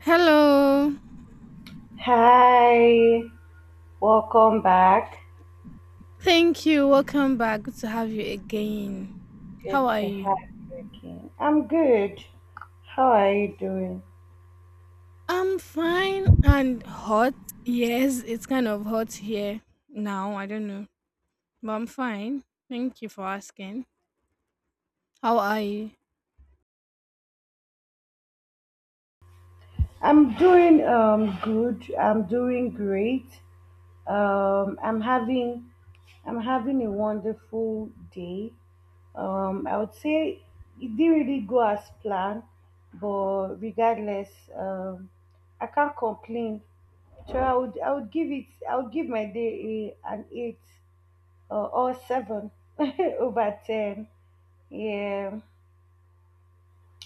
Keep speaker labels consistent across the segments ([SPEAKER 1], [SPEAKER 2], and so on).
[SPEAKER 1] Hello.
[SPEAKER 2] Hi, welcome back.
[SPEAKER 1] Thank you. Welcome back. Good to have you again. How
[SPEAKER 2] Good
[SPEAKER 1] are
[SPEAKER 2] to
[SPEAKER 1] you?
[SPEAKER 2] have you again. I'm good. How are you doing?
[SPEAKER 1] I'm fine and hot. Yes, it's kind of hot here now. I don't know. But I'm fine. Thank you for asking. How are you?
[SPEAKER 2] I'm doing good. I'm doing great. Um, I'm having I'm having a wonderful day. I would say it didn't really go as planned, but regardless, um, I can't complain. So I would give my day an eight or seven over ten. Yeah.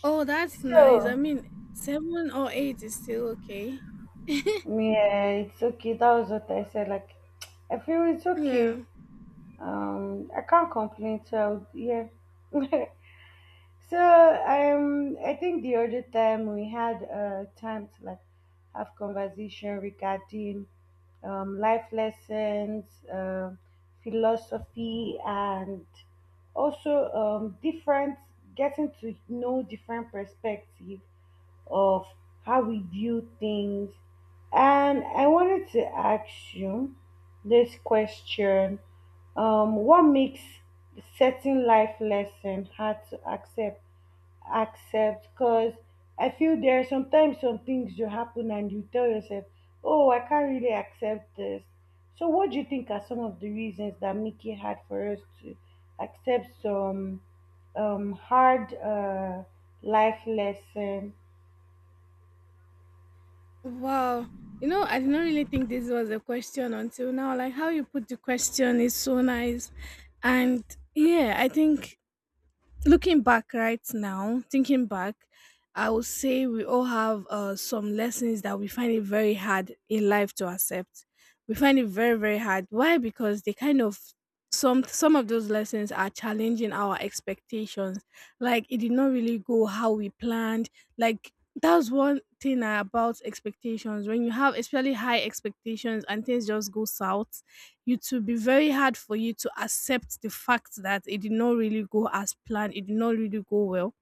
[SPEAKER 1] Oh, that's nice. I
[SPEAKER 2] So
[SPEAKER 1] mean, seven or eight is still okay.
[SPEAKER 2] yeah, it's okay. That was what I said. Like I feel it's okay.
[SPEAKER 1] Yeah.
[SPEAKER 2] I can't complain. So yeah. So I think the other time we had time to like have conversation regarding life lessons, um philosophy, and also different getting to know different perspective of how we view things. And I wanted to ask you this question. What makes certain life lesson hard to accept? Because I feel there are sometimes some things you happen and you tell yourself, oh, I can't really accept this. So, what do you think are some of the reasons that make it hard for us to accept some hard life lesson?
[SPEAKER 1] Wow. You know, I did not really think this was a question until now. Like, how you put the question is so nice. And yeah, I think looking back right now, thinking back, I would say we all have some lessons that we find it very hard in life to accept. We find it very very hard. Why? Because they kind of some of those lessons are challenging our expectations. Like it did not really go how we planned. Like that's one thing about expectations. When you have especially high expectations and things just go south, it will be very hard for you to accept the fact that it did not really go as planned, it did not really go well.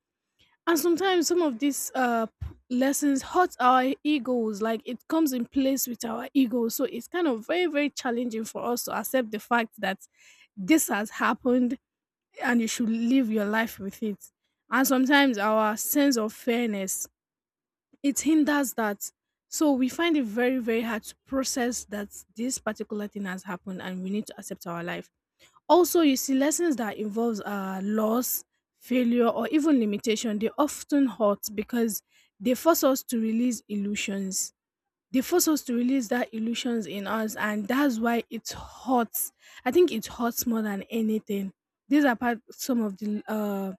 [SPEAKER 1] And sometimes some of these lessons hurt our egos, like it comes in place with our ego. So it's kind of very, very challenging for us to accept the fact that this has happened and you should live your life with it. And sometimes our sense of fairness, it hinders that. So we find it very, very hard to process that this particular thing has happened and we need to accept our life. Also, you see, lessons that involves loss, failure, or even limitation, they often hurt because they force us to release illusions. They force us to release that illusions in us, and that's why it hurts. I think it hurts more than anything. These are part some of the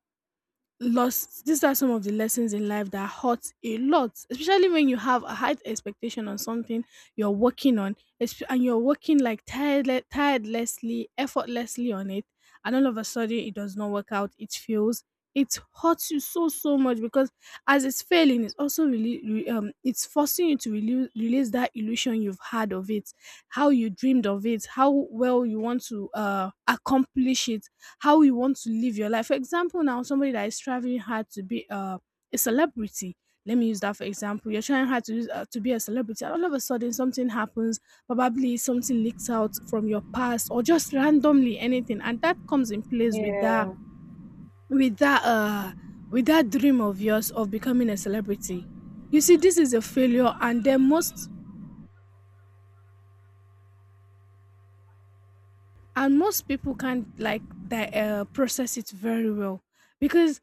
[SPEAKER 1] Lost. These are some of the lessons in life that hurt a lot, especially when you have a high expectation on something you're working on and you're working like tirelessly effortlessly on it, and all of a sudden it does not work out, it fails. It hurts you so much because as it's failing, it's also it's forcing you to release that illusion you've had of it, how you dreamed of it, how well you want to accomplish it, how you want to live your life. For example, now somebody that is striving hard to be a celebrity. Let me use that for example. You're trying hard to be a celebrity, and all of a sudden something happens. Probably something leaks out from your past, or just randomly anything, and that comes in place
[SPEAKER 2] Yeah,
[SPEAKER 1] with that uh with that dream of yours of becoming a celebrity. You see, this is a failure, and then most and most people can't like that process it very well, because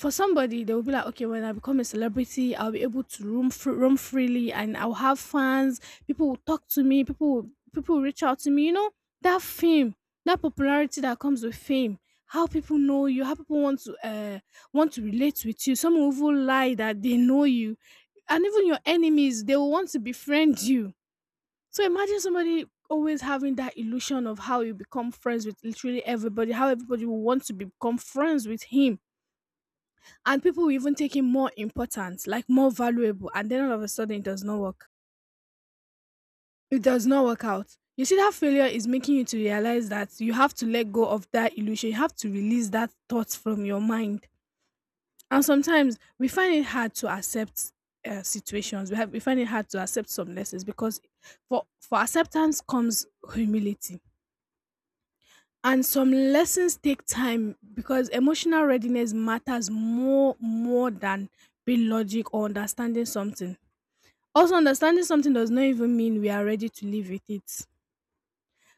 [SPEAKER 1] for somebody, they will be like, okay, when I become a celebrity, I'll be able to roam roam freely, and I'll have fans. People will talk to me. People will reach out to me. You know, that fame, that popularity that comes with fame. How people know you, how people want to relate with you. Some will even lie that they know you, and even your enemies, they will want to befriend you. So imagine somebody always having that illusion of how you become friends with literally everybody, how everybody will want to become friends with him, and people will even take it more important, like more valuable, and then all of a sudden it does not work. It does not work out. You see, that failure is making you to realize that you have to let go of that illusion. You have to release that thought from your mind. And sometimes we find it hard to accept situations. We find it hard to accept some lessons because for acceptance comes humility. And some lessons take time because emotional readiness matters more than being logic or understanding something. Also, understanding something does not even mean we are ready to live with it.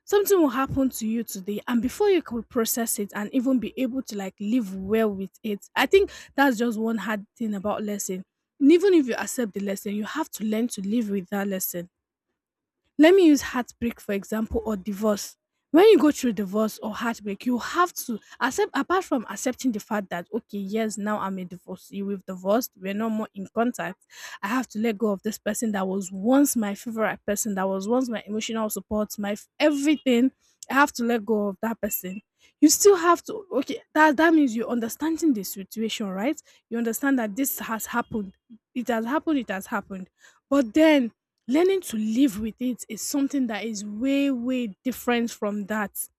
[SPEAKER 1] Something will happen to you today, and before you could process it and even be able to like live well with it, I think that's just one hard thing about lesson. And even if you accept the lesson, you have to learn to live with that lesson. Let me use heartbreak for example, or divorce. When you go through divorce or heartbreak, you have to accept, apart from accepting the fact that okay, yes, now I'm a divorcee, we've divorced, we're no more in contact. I have to let go of this person that was once my favorite person, that was once my emotional support, my everything. I have to let go of that person. You still have to, okay, that that means you're understanding the situation, right? You understand that this has happened. It has happened, it has happened. But then learning to live with it is something that is way, way different from that.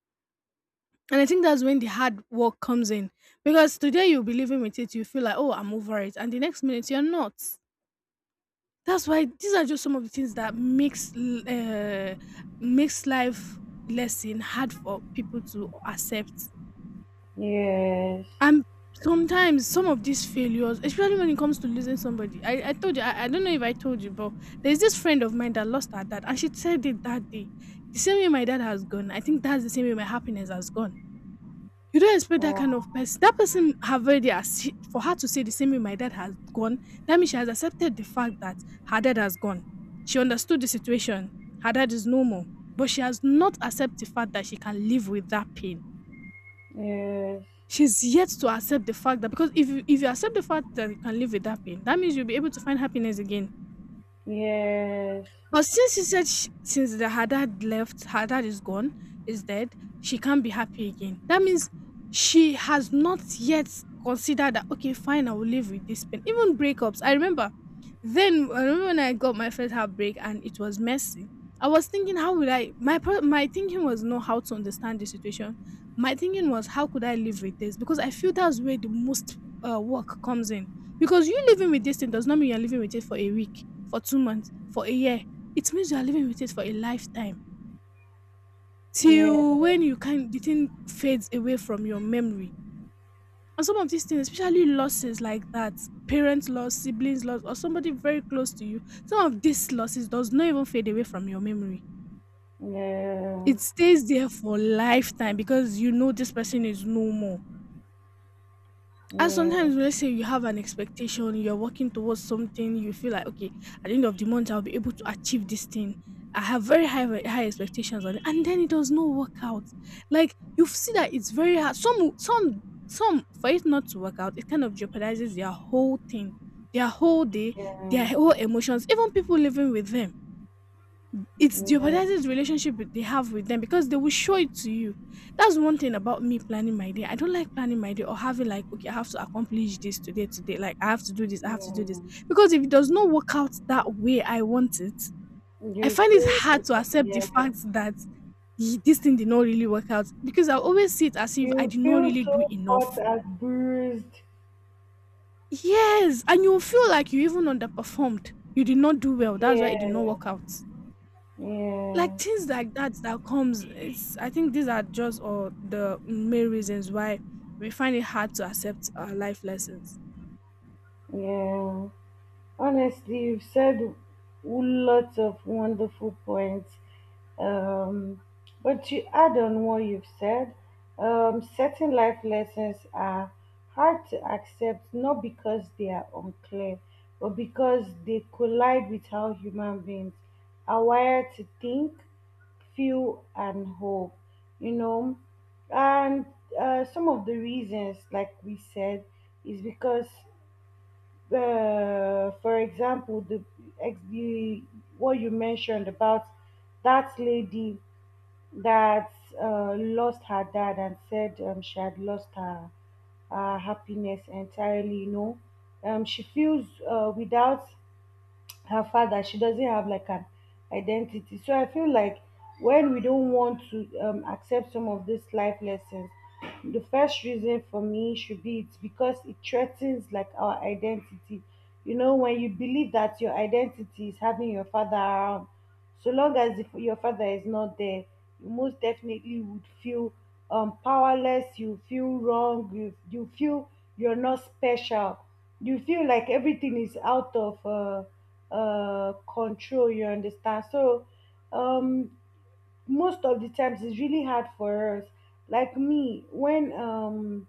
[SPEAKER 1] And I think that's when the hard work comes in. Because today you'll be living with it, you feel like, oh, I'm over it. And the next minute you're not. That's why these are just some of the things that makes life lesson hard for people to accept.
[SPEAKER 2] yes,
[SPEAKER 1] And sometimes some of these failures, especially when it comes to losing somebody, I told you, I don't know if I told you, but there's this friend of mine that lost her dad, and she said it that day. The same way my dad has gone, I think that's the same way my happiness has gone. You don't expect that kind
[SPEAKER 2] oh,
[SPEAKER 1] of person. That person have already for her to say the same way my dad has gone. That means she has accepted the fact that her dad has gone. She understood the situation. Her dad is no more, but she has not accepted the fact that she can live with that pain.
[SPEAKER 2] yes,
[SPEAKER 1] She's yet to accept the fact that, because if you, if you accept the fact that you can live with that pain, that means you'll be able to find happiness again.
[SPEAKER 2] yes,
[SPEAKER 1] But since she said sh since the her dad left, her dad is gone, is dead, she can't be happy again. That means she has not yet considered that, okay, fine, I will live with this pain. Even breakups. I remember then, I remember when I got my first heartbreak and it was messy. I was thinking, how would I? My thinking was not how to understand the situation. My thinking was, how could I live with this? Because I feel that's where the most work comes in. Because you living with this thing does not mean you're living with it for a week, for 2 months, for a year. It means you are living with it for a lifetime,
[SPEAKER 2] yeah,
[SPEAKER 1] till when you can the thing fades away from your memory. And some of these things, especially losses like that, parents loss, siblings loss, or somebody very close to you, some of these losses does not even fade away from your memory.
[SPEAKER 2] yeah,
[SPEAKER 1] It stays there for lifetime because you know this person is no more. And
[SPEAKER 2] yeah,
[SPEAKER 1] sometimes, let's say you have an expectation, you're working towards something, you feel like, okay, at the end of the month, I'll be able to achieve this thing. I have very high expectations on it, and then it does not work out. Like you see that it's very hard. Some for it not to work out, it kind of jeopardizes their whole thing, their whole day, their
[SPEAKER 2] yeah,
[SPEAKER 1] whole emotions, even people living with them. It's the
[SPEAKER 2] yeah,
[SPEAKER 1] the relationship they have with them because they will show it to you. That's one thing about me planning my day. I don't like planning my day or having like, okay, I have to accomplish this today, today. Like, I have to do this, I have to do this.
[SPEAKER 2] yeah.
[SPEAKER 1] Because if it does not work out that way I want it, I
[SPEAKER 2] You
[SPEAKER 1] find it
[SPEAKER 2] feel,
[SPEAKER 1] hard to accept the
[SPEAKER 2] yeah,
[SPEAKER 1] fact that, "Ee, this thing did not really work out," because I always see it as if I
[SPEAKER 2] you
[SPEAKER 1] did not
[SPEAKER 2] feel
[SPEAKER 1] really do
[SPEAKER 2] so hot
[SPEAKER 1] enough.
[SPEAKER 2] and bruised.
[SPEAKER 1] Yes, and you feel like you even underperformed. You did not do well. That's why it did not
[SPEAKER 2] Yeah,
[SPEAKER 1] work out. Like
[SPEAKER 2] yeah,
[SPEAKER 1] things like that that comes, it's, I think these are just all the main reasons why we find it hard to accept our life lessons.
[SPEAKER 2] yeah. Honestly, you've said lots of wonderful points. Um, but to add on what you've said, certain life lessons are hard to accept not because they are unclear, but because they collide with how human beings are wired to think, feel, and hope. You know, and some of the reasons, like we said, is because for example, the, ex- the what you mentioned about that lady that lost her dad and said she had lost her happiness entirely. You know, she feels without her father she doesn't have like an identity. So I feel like when we don't want to accept some of these life lessons, the first reason for me should be it's because it threatens like our identity. You know, when you believe that your identity is having your father around, so long as if your father is not there, you most definitely would feel powerless. You feel wrong. You feel you're not special. You feel like everything is out of control, you understand? So um, most of the times it's really hard for us. Like me, when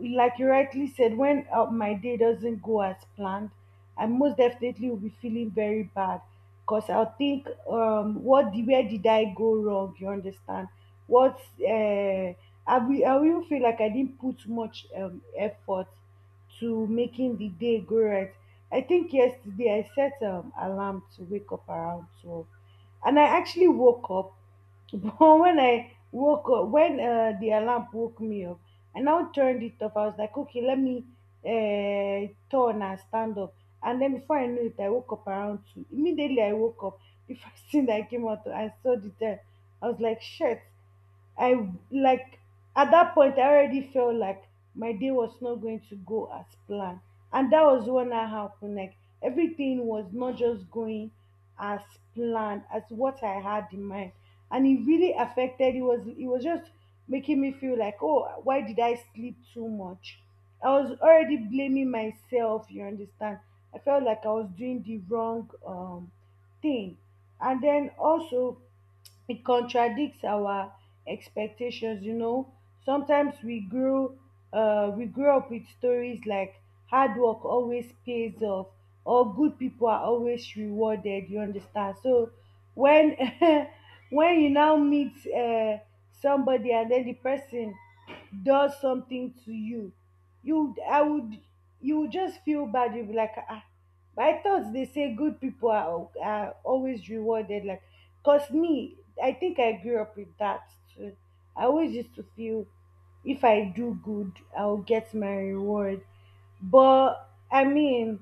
[SPEAKER 2] like you rightly said, when my day doesn't go as planned, I most definitely will be feeling very bad because I'll think what the where did I go wrong, you understand? What's I will feel like I didn't put much effort to making the day go right. I think yesterday I set alarm to wake up around 12, and I actually woke up. But when I woke up, when the alarm woke me up, I now turned it off. I was like, okay, let me turn and stand up. And then before I knew it, I woke up around two. Immediately I woke up. The first thing that I came out, to, I saw the time. I was like, shit. I like At that point I already felt like my day was not going to go as planned. And that was when I happened. Like everything was not just going as planned as what I had in mind, and it really affected. It was just making me feel like, oh, why did I sleep too much? I was already blaming myself, you understand? I felt like I was doing the wrong thing. And then also it contradicts our expectations. You know, sometimes we grew up with stories like hard work always pays off, or good people are always rewarded, you understand? So when when you now meet somebody and then the person does something to you, you I would you would just feel bad. You'll be like, ah, but I thought they say good people are always rewarded. Like, 'cause me, I think I grew up with that too. I always used to feel, if I do good, I'll get my reward. But I mean,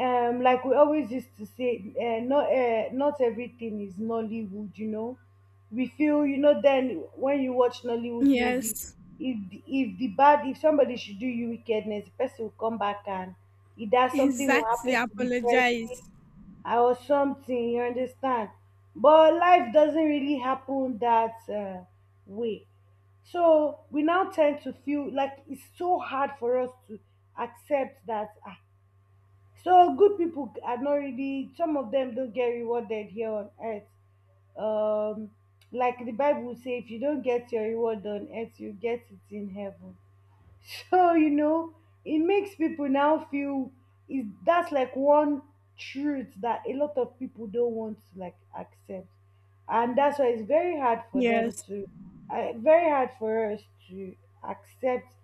[SPEAKER 2] like we always used to say, not everything is Nollywood. You know, we feel you know. Then when you watch Nollywood movie,
[SPEAKER 1] Yes,
[SPEAKER 2] if the bad if somebody should do you wickedness, the person will come back and either something will
[SPEAKER 1] exactly.
[SPEAKER 2] happen to the person.
[SPEAKER 1] Apologize.
[SPEAKER 2] I was something, you understand? But life doesn't really happen that way. So we now tend to feel like it's so hard for us to accept that. Ah, so good people are not really, some of them don't get rewarded here on earth. Um, like the Bible says, if you don't get your reward on earth, you get it in heaven. So you know, it makes people now feel is that's like one truth that a lot of people don't want to like accept, and that's why it's very hard for them
[SPEAKER 1] Yes.
[SPEAKER 2] to, very hard for us to accept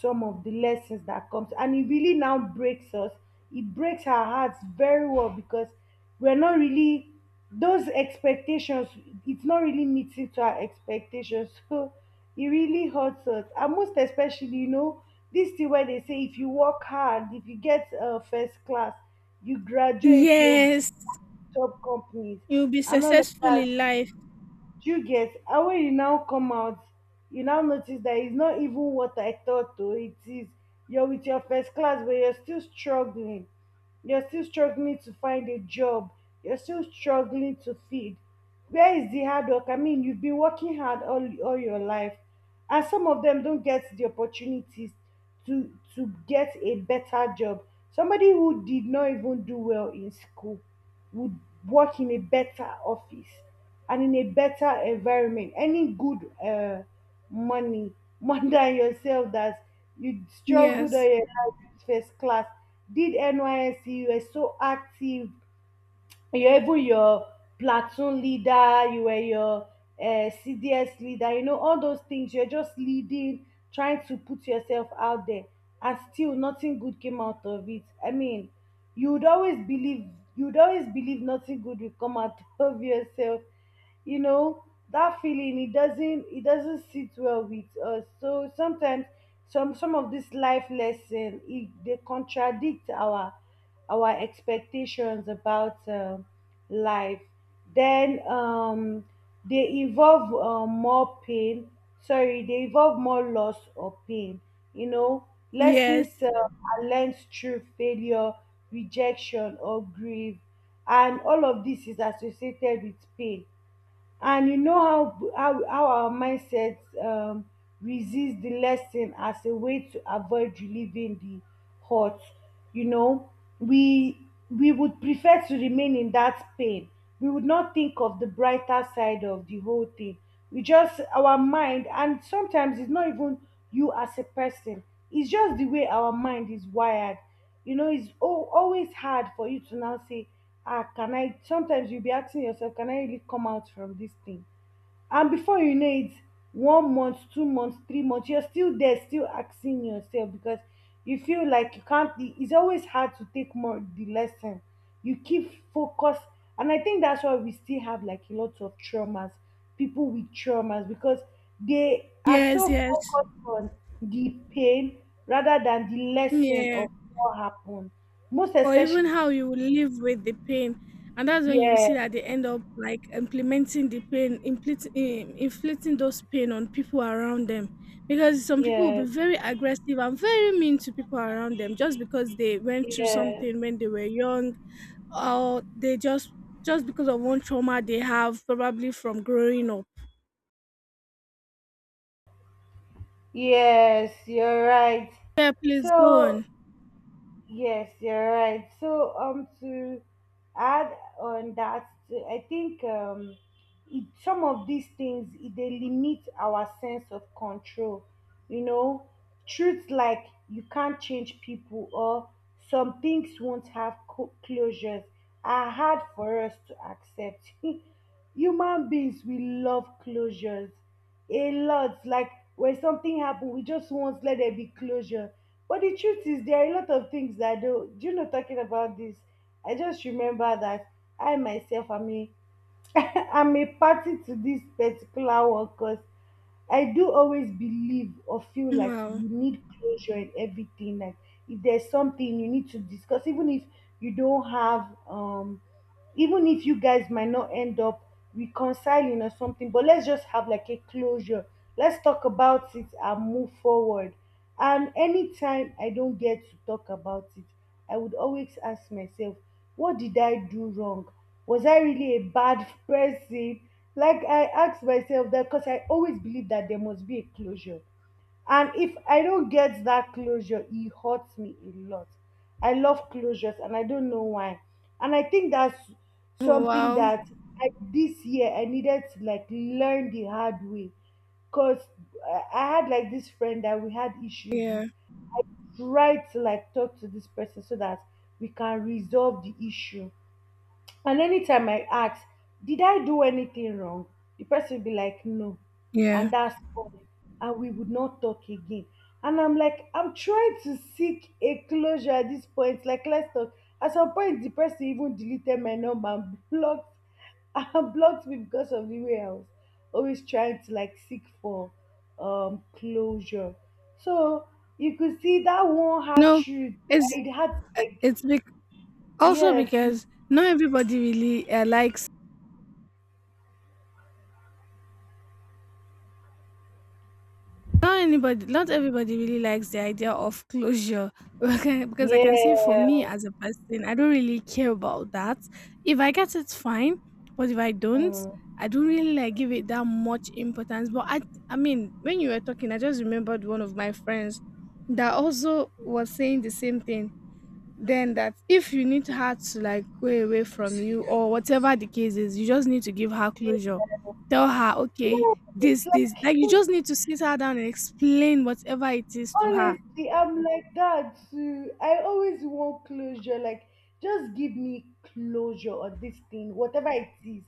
[SPEAKER 2] some of the lessons that comes, and it really now breaks us. It breaks our hearts very well because we're not really, those expectations, it's not really meeting to our expectations. So it really hurts us, and most especially, you know, this thing where they say if you work hard, if you get first class, you graduate, you go
[SPEAKER 1] Yes,
[SPEAKER 2] to top companies
[SPEAKER 1] you'll be
[SPEAKER 2] and all of
[SPEAKER 1] successful
[SPEAKER 2] that,
[SPEAKER 1] in life.
[SPEAKER 2] do you get? And when you now come out, you now notice that it's not even what I thought though. It is, you're with your first class, but you're still struggling. You're still struggling to find a job. You're still struggling to feed. Where is the hard work? I mean, you've been working hard all your life, and some of them don't get the opportunities to get a better job. Somebody who did not even do well in school would work in a better office and in a better environment, any good money more than yourself, that you struggled all
[SPEAKER 1] Yes.
[SPEAKER 2] your life with first class. Did NYSC, you were so active, you're even your platoon leader, you were your CDS leader, you know, all those things. You're just leading, trying to put yourself out there, and still nothing good came out of it. I mean, you would always believe, you would always believe nothing good will come out of yourself. You know, that feeling, it doesn't sit well with us. So sometimes some of this life lesson, it, they contradict our expectations about life. Then they involve more pain. Sorry, they involve more loss or pain. You know, lessons
[SPEAKER 1] Yes,
[SPEAKER 2] are learned through failure, rejection, or grief, and all of this is associated with pain. And you know how our mindset um, resist the lesson as a way to avoid relieving the hurt. You know, we we would prefer to remain in that pain. We would not think of the brighter side of the whole thing. We just, our mind, and sometimes it's not even you as a person, it's just the way our mind is wired. You know, it's always hard for you to now say, ah, can I, sometimes you'll be asking yourself, can I really come out from this thing? And before you know it, 1 month, 2 months, 3 months, you're still there still asking yourself, because you feel like you can't, it's always hard to take more the lesson. You keep focus. And I think that's why we still have like a lot of traumas, people with traumas, because they are
[SPEAKER 1] yes,
[SPEAKER 2] so
[SPEAKER 1] yes.
[SPEAKER 2] focused on the pain rather than the lesson
[SPEAKER 1] Yeah.
[SPEAKER 2] of what happened. Most
[SPEAKER 1] Or
[SPEAKER 2] especially,
[SPEAKER 1] even how you will live with the pain, and that's when you
[SPEAKER 2] yeah,
[SPEAKER 1] see that they end up like implementing the pain, inflicting those pain on people around them, because some people will be
[SPEAKER 2] yeah,
[SPEAKER 1] very aggressive and very mean to people around them just because they went through
[SPEAKER 2] yeah.
[SPEAKER 1] something when they were young, or they just because of one trauma they have probably from growing up.
[SPEAKER 2] Yes, you're right.
[SPEAKER 1] Yeah, please go
[SPEAKER 2] So
[SPEAKER 1] on.
[SPEAKER 2] yes, you're right. So to add on that, to- I think it, some of these things, it, they limit our sense of control. You know, truths like you can't change people, or some things won't have closures, are hard for us to accept. Human beings, we love closures a lot. Like when something happens, we just want let there be closure. But the truth is, there are a lot of things that I do. Do you know, talking about this, I just remember that I myself am a, I'm a party to this particular one because I do always believe or feel like
[SPEAKER 1] Wow.
[SPEAKER 2] you need closure in everything. Like if there's something you need to discuss, even if you don't have, even if you guys might not end up reconciling or something, but let's just have like a closure. Let's talk about it and move forward. And anytime I don't get to talk about it, I would always ask myself, what did I do wrong? Was I really a bad person? Like I ask myself that because I always believe that there must be a closure. And if I don't get that closure, it hurts me a lot. I love closures and I don't know why. And I think that's
[SPEAKER 1] Oh,
[SPEAKER 2] something
[SPEAKER 1] wow.
[SPEAKER 2] that this year I needed to like learn the hard way. Cause I had like this friend that we had issues
[SPEAKER 1] Yeah.
[SPEAKER 2] with. I tried to like talk to this person so that we can resolve the issue. And anytime I ask, did I do anything wrong? The person would be like, no.
[SPEAKER 1] Yeah.
[SPEAKER 2] And that's all. And we would not talk again. And I'm like, I'm trying to seek a closure at this point. Like, let's talk. At some point, the person even deleted my number and blocked and blocked me because of the way I was always trying to like seek for closure. So you could see that one had
[SPEAKER 1] No,
[SPEAKER 2] truth.
[SPEAKER 1] it's
[SPEAKER 2] It had like
[SPEAKER 1] it's because also,
[SPEAKER 2] yeah,
[SPEAKER 1] because not everybody really likes, not anybody, not everybody really likes the idea of closure. Okay, because I can say for
[SPEAKER 2] yeah.
[SPEAKER 1] me as a person, I don't really care about that. If I get it, fine. But if I don't,
[SPEAKER 2] Mm.
[SPEAKER 1] I don't really like give it that much importance. I mean, when you were talking, I just remembered one of my friends that also was saying the same thing, then that if you need her to like go away from you or whatever the case is, you just need to give her closure. Tell her, okay,
[SPEAKER 2] Yeah,
[SPEAKER 1] this,
[SPEAKER 2] it's
[SPEAKER 1] this. Like you
[SPEAKER 2] like
[SPEAKER 1] just need to sit her down and explain whatever it is to her.
[SPEAKER 2] honestly, I'm like that too. I always want closure. Like just give me closure on this thing whatever it is.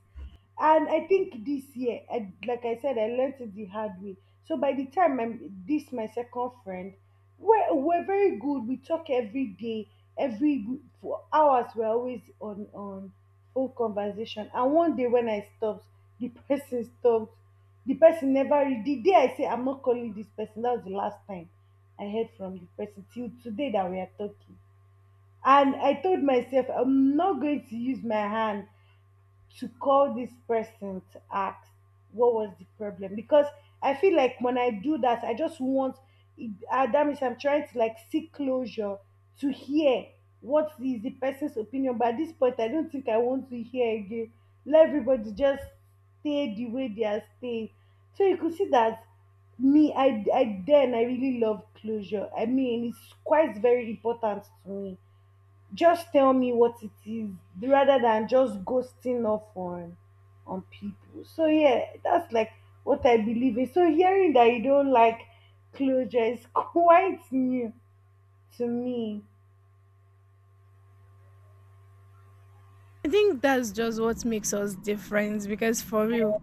[SPEAKER 2] And I think this year like I said, I learned it the hard way. So by the time I'm this my second friend, we're very good, we talk every day, every for hours, we're always on full conversation. And one day when I stopped, the person stopped. The person never the day I say I'm not calling this person, that was the last time I heard from the person till today that we are talking. And I told myself, I'm not going to use my hand to call this person to ask what was the problem. Because I feel like when I do that, I just that means I'm trying to like seek closure to hear what is the person's opinion. But at this point, I don't think I want to hear again. Let everybody just stay the way they are staying. So you could see that me, I then I really love closure. I mean, it's quite very important to me, just tell me what it is rather than just ghosting off on people. So yeah, that's like what I believe in. So hearing that you don't like closure is quite new to me.
[SPEAKER 1] I think that's just what makes us different because for real,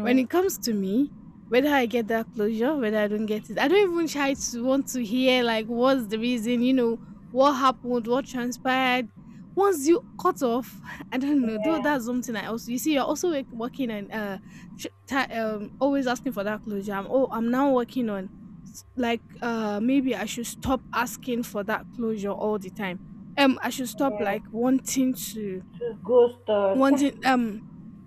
[SPEAKER 1] when it comes to me, whether I get that closure, whether I don't get it, I don't even try to want to hear like what's the reason, you know, what happened, what transpired. Once you cut off, I don't know. Though
[SPEAKER 2] yeah,
[SPEAKER 1] that's something I also you see. You're also like working and tr- ta always asking for that closure. I'm oh, I'm now working on maybe I should stop asking for that closure all the time. I should stop
[SPEAKER 2] yeah,
[SPEAKER 1] like wanting to,
[SPEAKER 2] just ghost
[SPEAKER 1] wanting
[SPEAKER 2] on.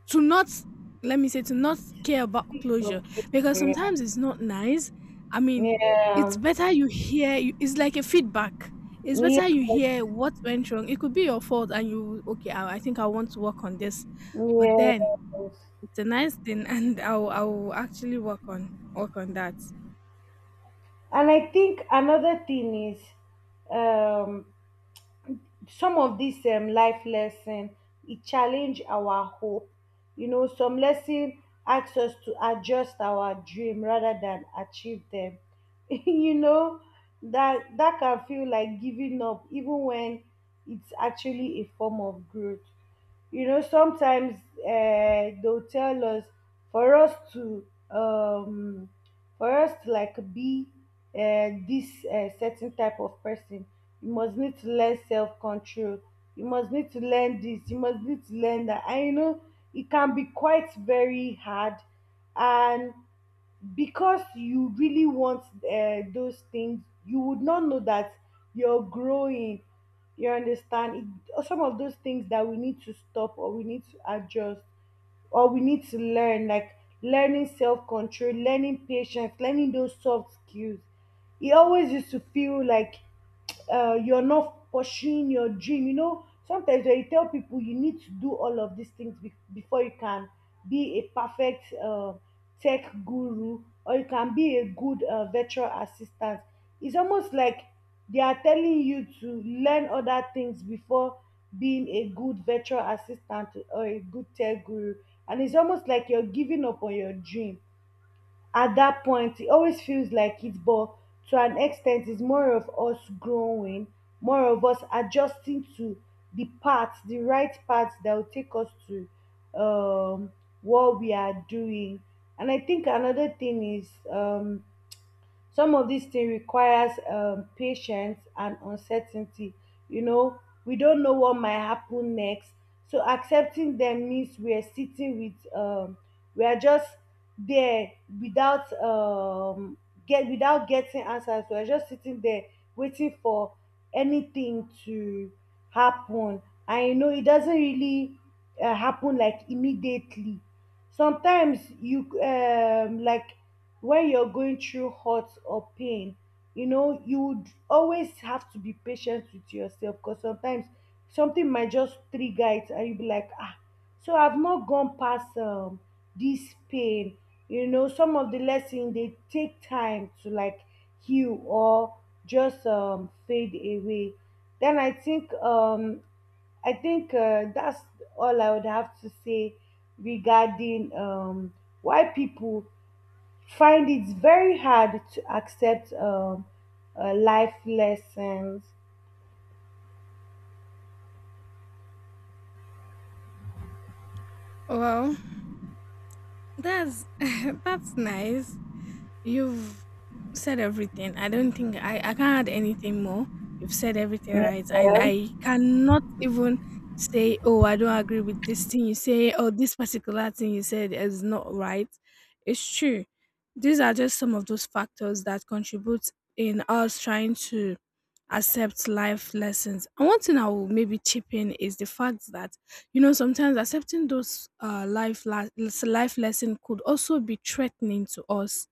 [SPEAKER 1] to not, let me say to not care about
[SPEAKER 2] Speak for
[SPEAKER 1] closure, because
[SPEAKER 2] closure.
[SPEAKER 1] sometimes it's not nice. I mean, it's
[SPEAKER 2] Yeah,
[SPEAKER 1] better you hear it's like a feedback. It's
[SPEAKER 2] yeah,
[SPEAKER 1] better you hear what went wrong. It could be your fault and you okay I think I want to work on this. But
[SPEAKER 2] yeah.
[SPEAKER 1] then
[SPEAKER 2] Yes.
[SPEAKER 1] it's a nice thing, and i'll actually work on that.
[SPEAKER 2] And I think another thing is, um some of these life lesson, it challenge our hope. You know, some lesson asks us to adjust our dream rather than achieve them. You know, that can feel like giving up even when it's actually a form of growth. You know, sometimes they'll tell us for us to like be this certain type of person, you must need to learn self-control, you must need to learn this, you must need to learn that. And you know, it can be quite very hard. And because you really want those things, you would not know that you're growing. You understand it, some of those things that we need to stop or we need to adjust or we need to learn, like learning self-control, learning patience, learning those soft skills, it always used to feel like you're not pursuing your dream. You know, sometimes when you tell people you need to do all of these things before you can be a perfect tech guru, or you can be a good virtual assistant, it's almost like they are telling you to learn other things before being a good virtual assistant or a good tech guru. And it's almost like you're giving up on your dream. At that point it always feels like it, but to an extent it's more of us growing, more of us adjusting to the right path that will take us to um what we are doing. And I think another thing is, some of these things requires patience and uncertainty. You know, we don't know what might happen next. So accepting them means we are sitting with, we are just there without get without getting answers. We are just sitting there waiting for anything to happen. And you know, it doesn't really happen like immediately. Sometimes you like when you're going through hurt or pain, you know you would always have to be patient with yourself because sometimes something might just trigger it and you'll be like, ah, so I've not gone past this pain. You know, some of the lessons, they take time to like heal or just fade away. Then I think, I think that's all I would have to say regarding, why people find it very hard to accept, um, life lessons.
[SPEAKER 1] Well, that's, that's nice. You've said everything. I don't think I can't add anything more. You've said everything right. And
[SPEAKER 2] Yeah.
[SPEAKER 1] I cannot even say, oh, I don't agree with this thing you say, or this particular thing you said is not right. It's true. These are just some of those factors that contribute in us trying to accept life lessons. And one thing I will maybe chip in is the fact that, you know, sometimes accepting those life lesson could also be threatening to us.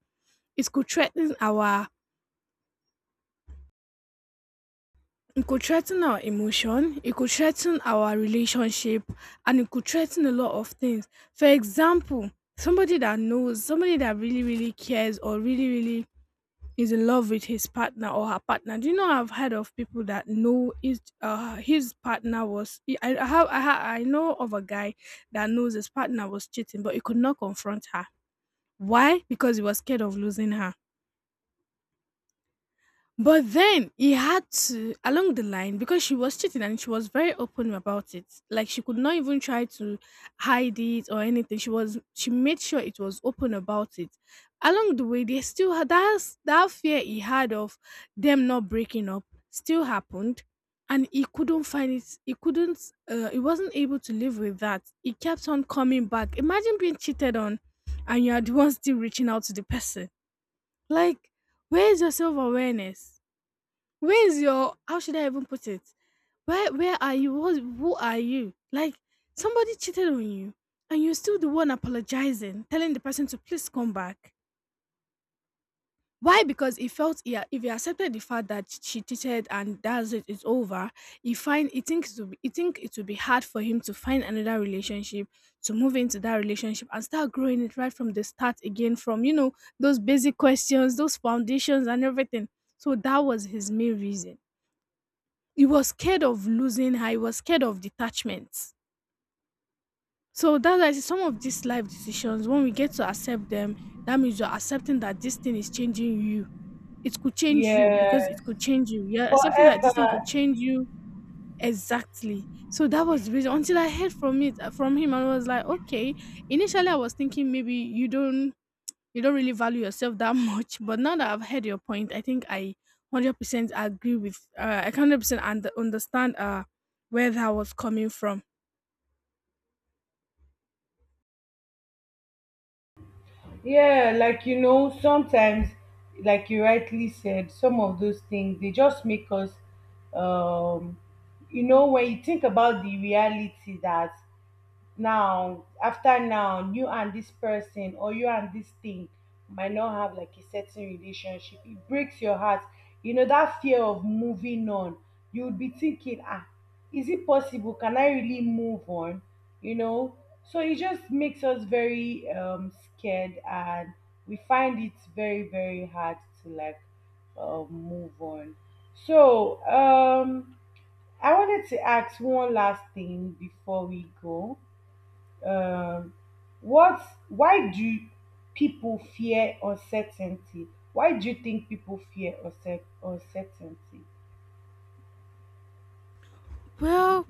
[SPEAKER 1] It could threaten our it could threaten our emotion, it could threaten our relationship, and it could threaten a lot of things. For example, somebody that knows, somebody that really, really cares or really, really is in love with his partner or her partner. Do you know I've heard of people that know his partner was I have I, ha- I know of a guy that knows his partner was cheating, but he could not confront her. Why? Because he was scared of losing her. But then he had to along the line because she was cheating and she was very open about it. Like she could not even try to hide it or anything. She made sure it was open about it. Along the way, they still had that fear he had of them not breaking up still happened, and he couldn't find it. He couldn't. He wasn't able to live with that. He kept on coming back. Imagine being cheated on, and you are the one still reaching out to the person. Like, where is your self awareness? Where is your, how should I even put it? Where are you? What, who are you? Like somebody cheated on you and you're still the one apologizing, telling the person to please come back. Why? Because he felt yeah, if he accepted the fact that she cheated and that's it, it's over. He thinks it will be, he think it will be hard for him to find another relationship, to move into that relationship and start growing it right from the start again, from you know, those basic questions, those foundations and everything. So that was his main reason, he was scared of losing her. He was scared of detachment. So that's why I say some of these life decisions, when we get to accept them, that means you're accepting that this thing is changing you.
[SPEAKER 2] Yeah,
[SPEAKER 1] It could change you. You're accepting that this thing
[SPEAKER 2] forever.
[SPEAKER 1] could change you. Exactly. So that was the reason. Until I heard from it from him, and I was like, okay. Initially, I was thinking maybe you don't, you don't really value yourself that much. But now that I've heard your point, I think I 100% agree with, I can 100% understand where that was coming from.
[SPEAKER 2] Yeah, like you know, sometimes, like you rightly said, some of those things they just make us, um, you know, when you think about the reality that now you and this person or you and this thing might not have like a certain relationship, it breaks your heart. You know, that fear of moving on, you would be thinking, ah, is it possible, can I really move on? You know, so it just makes us very scared and we find it very very hard to like move on. So I wanted to ask one last thing before we go. Um, what Why do people fear uncertainty? Why do you think people fear uncertainty?
[SPEAKER 1] Well,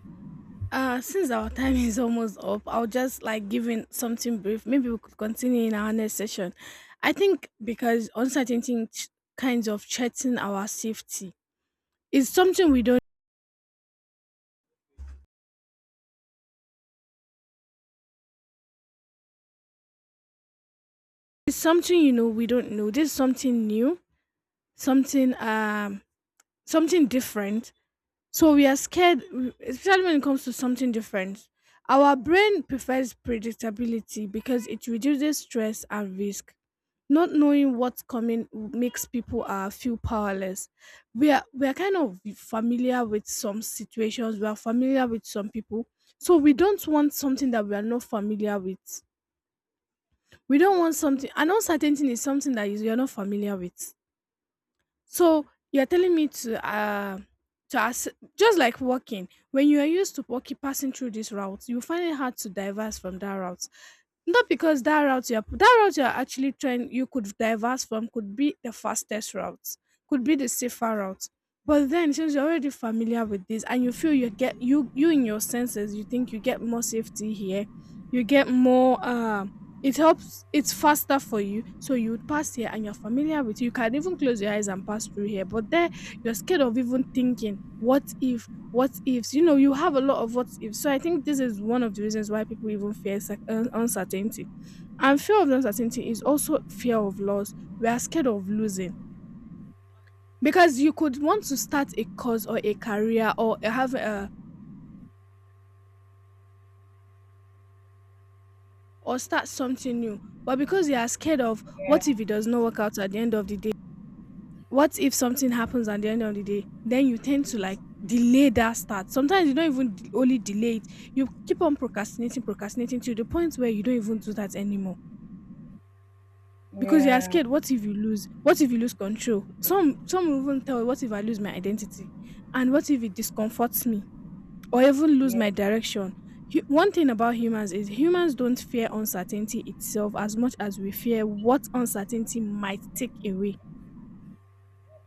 [SPEAKER 1] since our time is almost up, I'll just like give in something brief. Maybe we could continue in our next session. I think because uncertainty kinds of threaten our safety. It's something we don't. It's something you know we don't know. This is something new, something something different. So we are scared, especially when it comes to something different. Our brain prefers predictability because it reduces stress and risk. Not knowing what's coming makes people feel powerless. We are kind of familiar with some situations. We are familiar with some people, so we don't want something that we are not familiar with. We don't want something. An uncertainty is something that you're not familiar with. So you're telling me to ask, just like walking. When you are used to walking passing through this route, you find it hard to diverse from that route. Not because that route you're actually trying you could diverse from could be the fastest route, could be the safer route. But then since you're already familiar with this and you feel you in your senses, you think you get more safety here, you get more it helps, it's faster for you, so you would pass here and you're familiar with it. You can even close your eyes and pass through here, but there, you're scared of even thinking, "What if? What ifs?" You know, you have a lot of what ifs. So I think this is one of the reasons why people even fear uncertainty. And fear of uncertainty is also fear of loss. We are scared of losing, because you could want to start a course or a career or have a or start something new, but because you are scared of
[SPEAKER 2] Yeah,
[SPEAKER 1] what if it does not work out at the end of the day. What if something happens at the end of the day, then you tend to like delay that start. Sometimes you don't even only delay it, you keep on procrastinating, procrastinating to the point where you don't even do that anymore, because you are
[SPEAKER 2] yeah,
[SPEAKER 1] scared what if you lose, what if you lose control. Some will even tell you what if I lose my identity, and what if it discomforts me, or even lose
[SPEAKER 2] yeah,
[SPEAKER 1] my direction. One thing about humans is humans don't fear uncertainty itself as much as we fear what uncertainty might take away.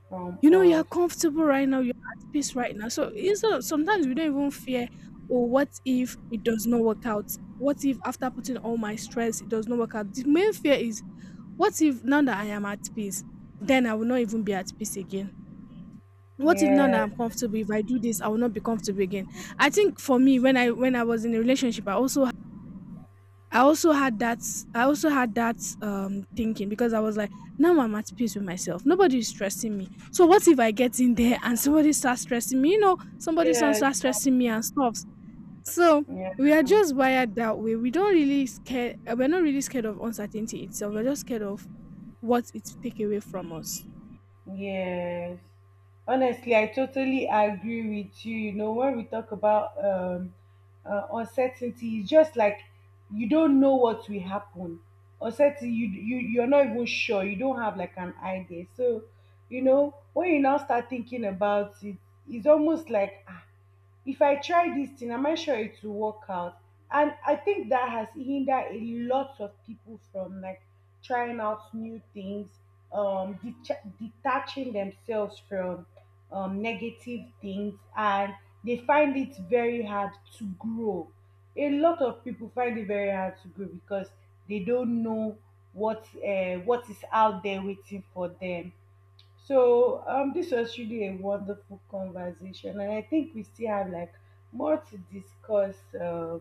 [SPEAKER 2] from
[SPEAKER 1] You know, you're
[SPEAKER 2] us.
[SPEAKER 1] comfortable right now, you're at peace right now. So instead of sometimes we don't even fear, oh, what if it does not work out? What if after putting all my stress, it does not work out? The main fear is, what if now that I am at peace, then I will not even be at peace again? What if now
[SPEAKER 2] Yeah,
[SPEAKER 1] that I'm comfortable, if I do this, I will not be comfortable again? I think for me, when I was in a relationship, I also, I also had that I also had that thinking, because I was like, now I'm at peace with myself. Nobody is stressing me. So what if I get in there and somebody starts stressing me? You know, somebody starts
[SPEAKER 2] yeah,
[SPEAKER 1] stressing me and stuff. So
[SPEAKER 2] yeah.
[SPEAKER 1] we are just wired that way. We don't really scare we're not really scared of uncertainty itself. We're just scared of what it take away from us.
[SPEAKER 2] Yes. Honestly, I totally agree with you. You know, when we talk about, uncertainty, it's just like you don't know what will happen. Uncertainty, you're not even sure. You don't have like an idea. So, you know, when you now start thinking about it, it's almost like, if I try this thing, am I sure it will work out? And I think that has hindered a lot of people from like trying out new things, detaching themselves from negative things, and they find it very hard to grow. A lot of people find it very hard to grow because they don't know what is out there waiting for them. So this was really a wonderful conversation, and I think we still have like more to discuss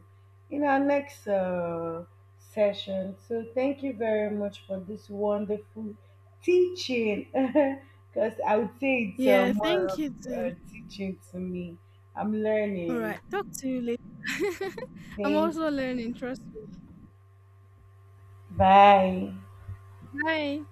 [SPEAKER 2] in our next session. So thank you very much for this wonderful teaching, because I would say it's
[SPEAKER 1] Yeah,
[SPEAKER 2] more
[SPEAKER 1] thank you
[SPEAKER 2] of
[SPEAKER 1] too.
[SPEAKER 2] teaching to me. I'm
[SPEAKER 1] All right.
[SPEAKER 2] learning.
[SPEAKER 1] Talk to you later. I'm
[SPEAKER 2] Thank
[SPEAKER 1] also
[SPEAKER 2] you.
[SPEAKER 1] learning, trust
[SPEAKER 2] Bye.
[SPEAKER 1] me. Bye.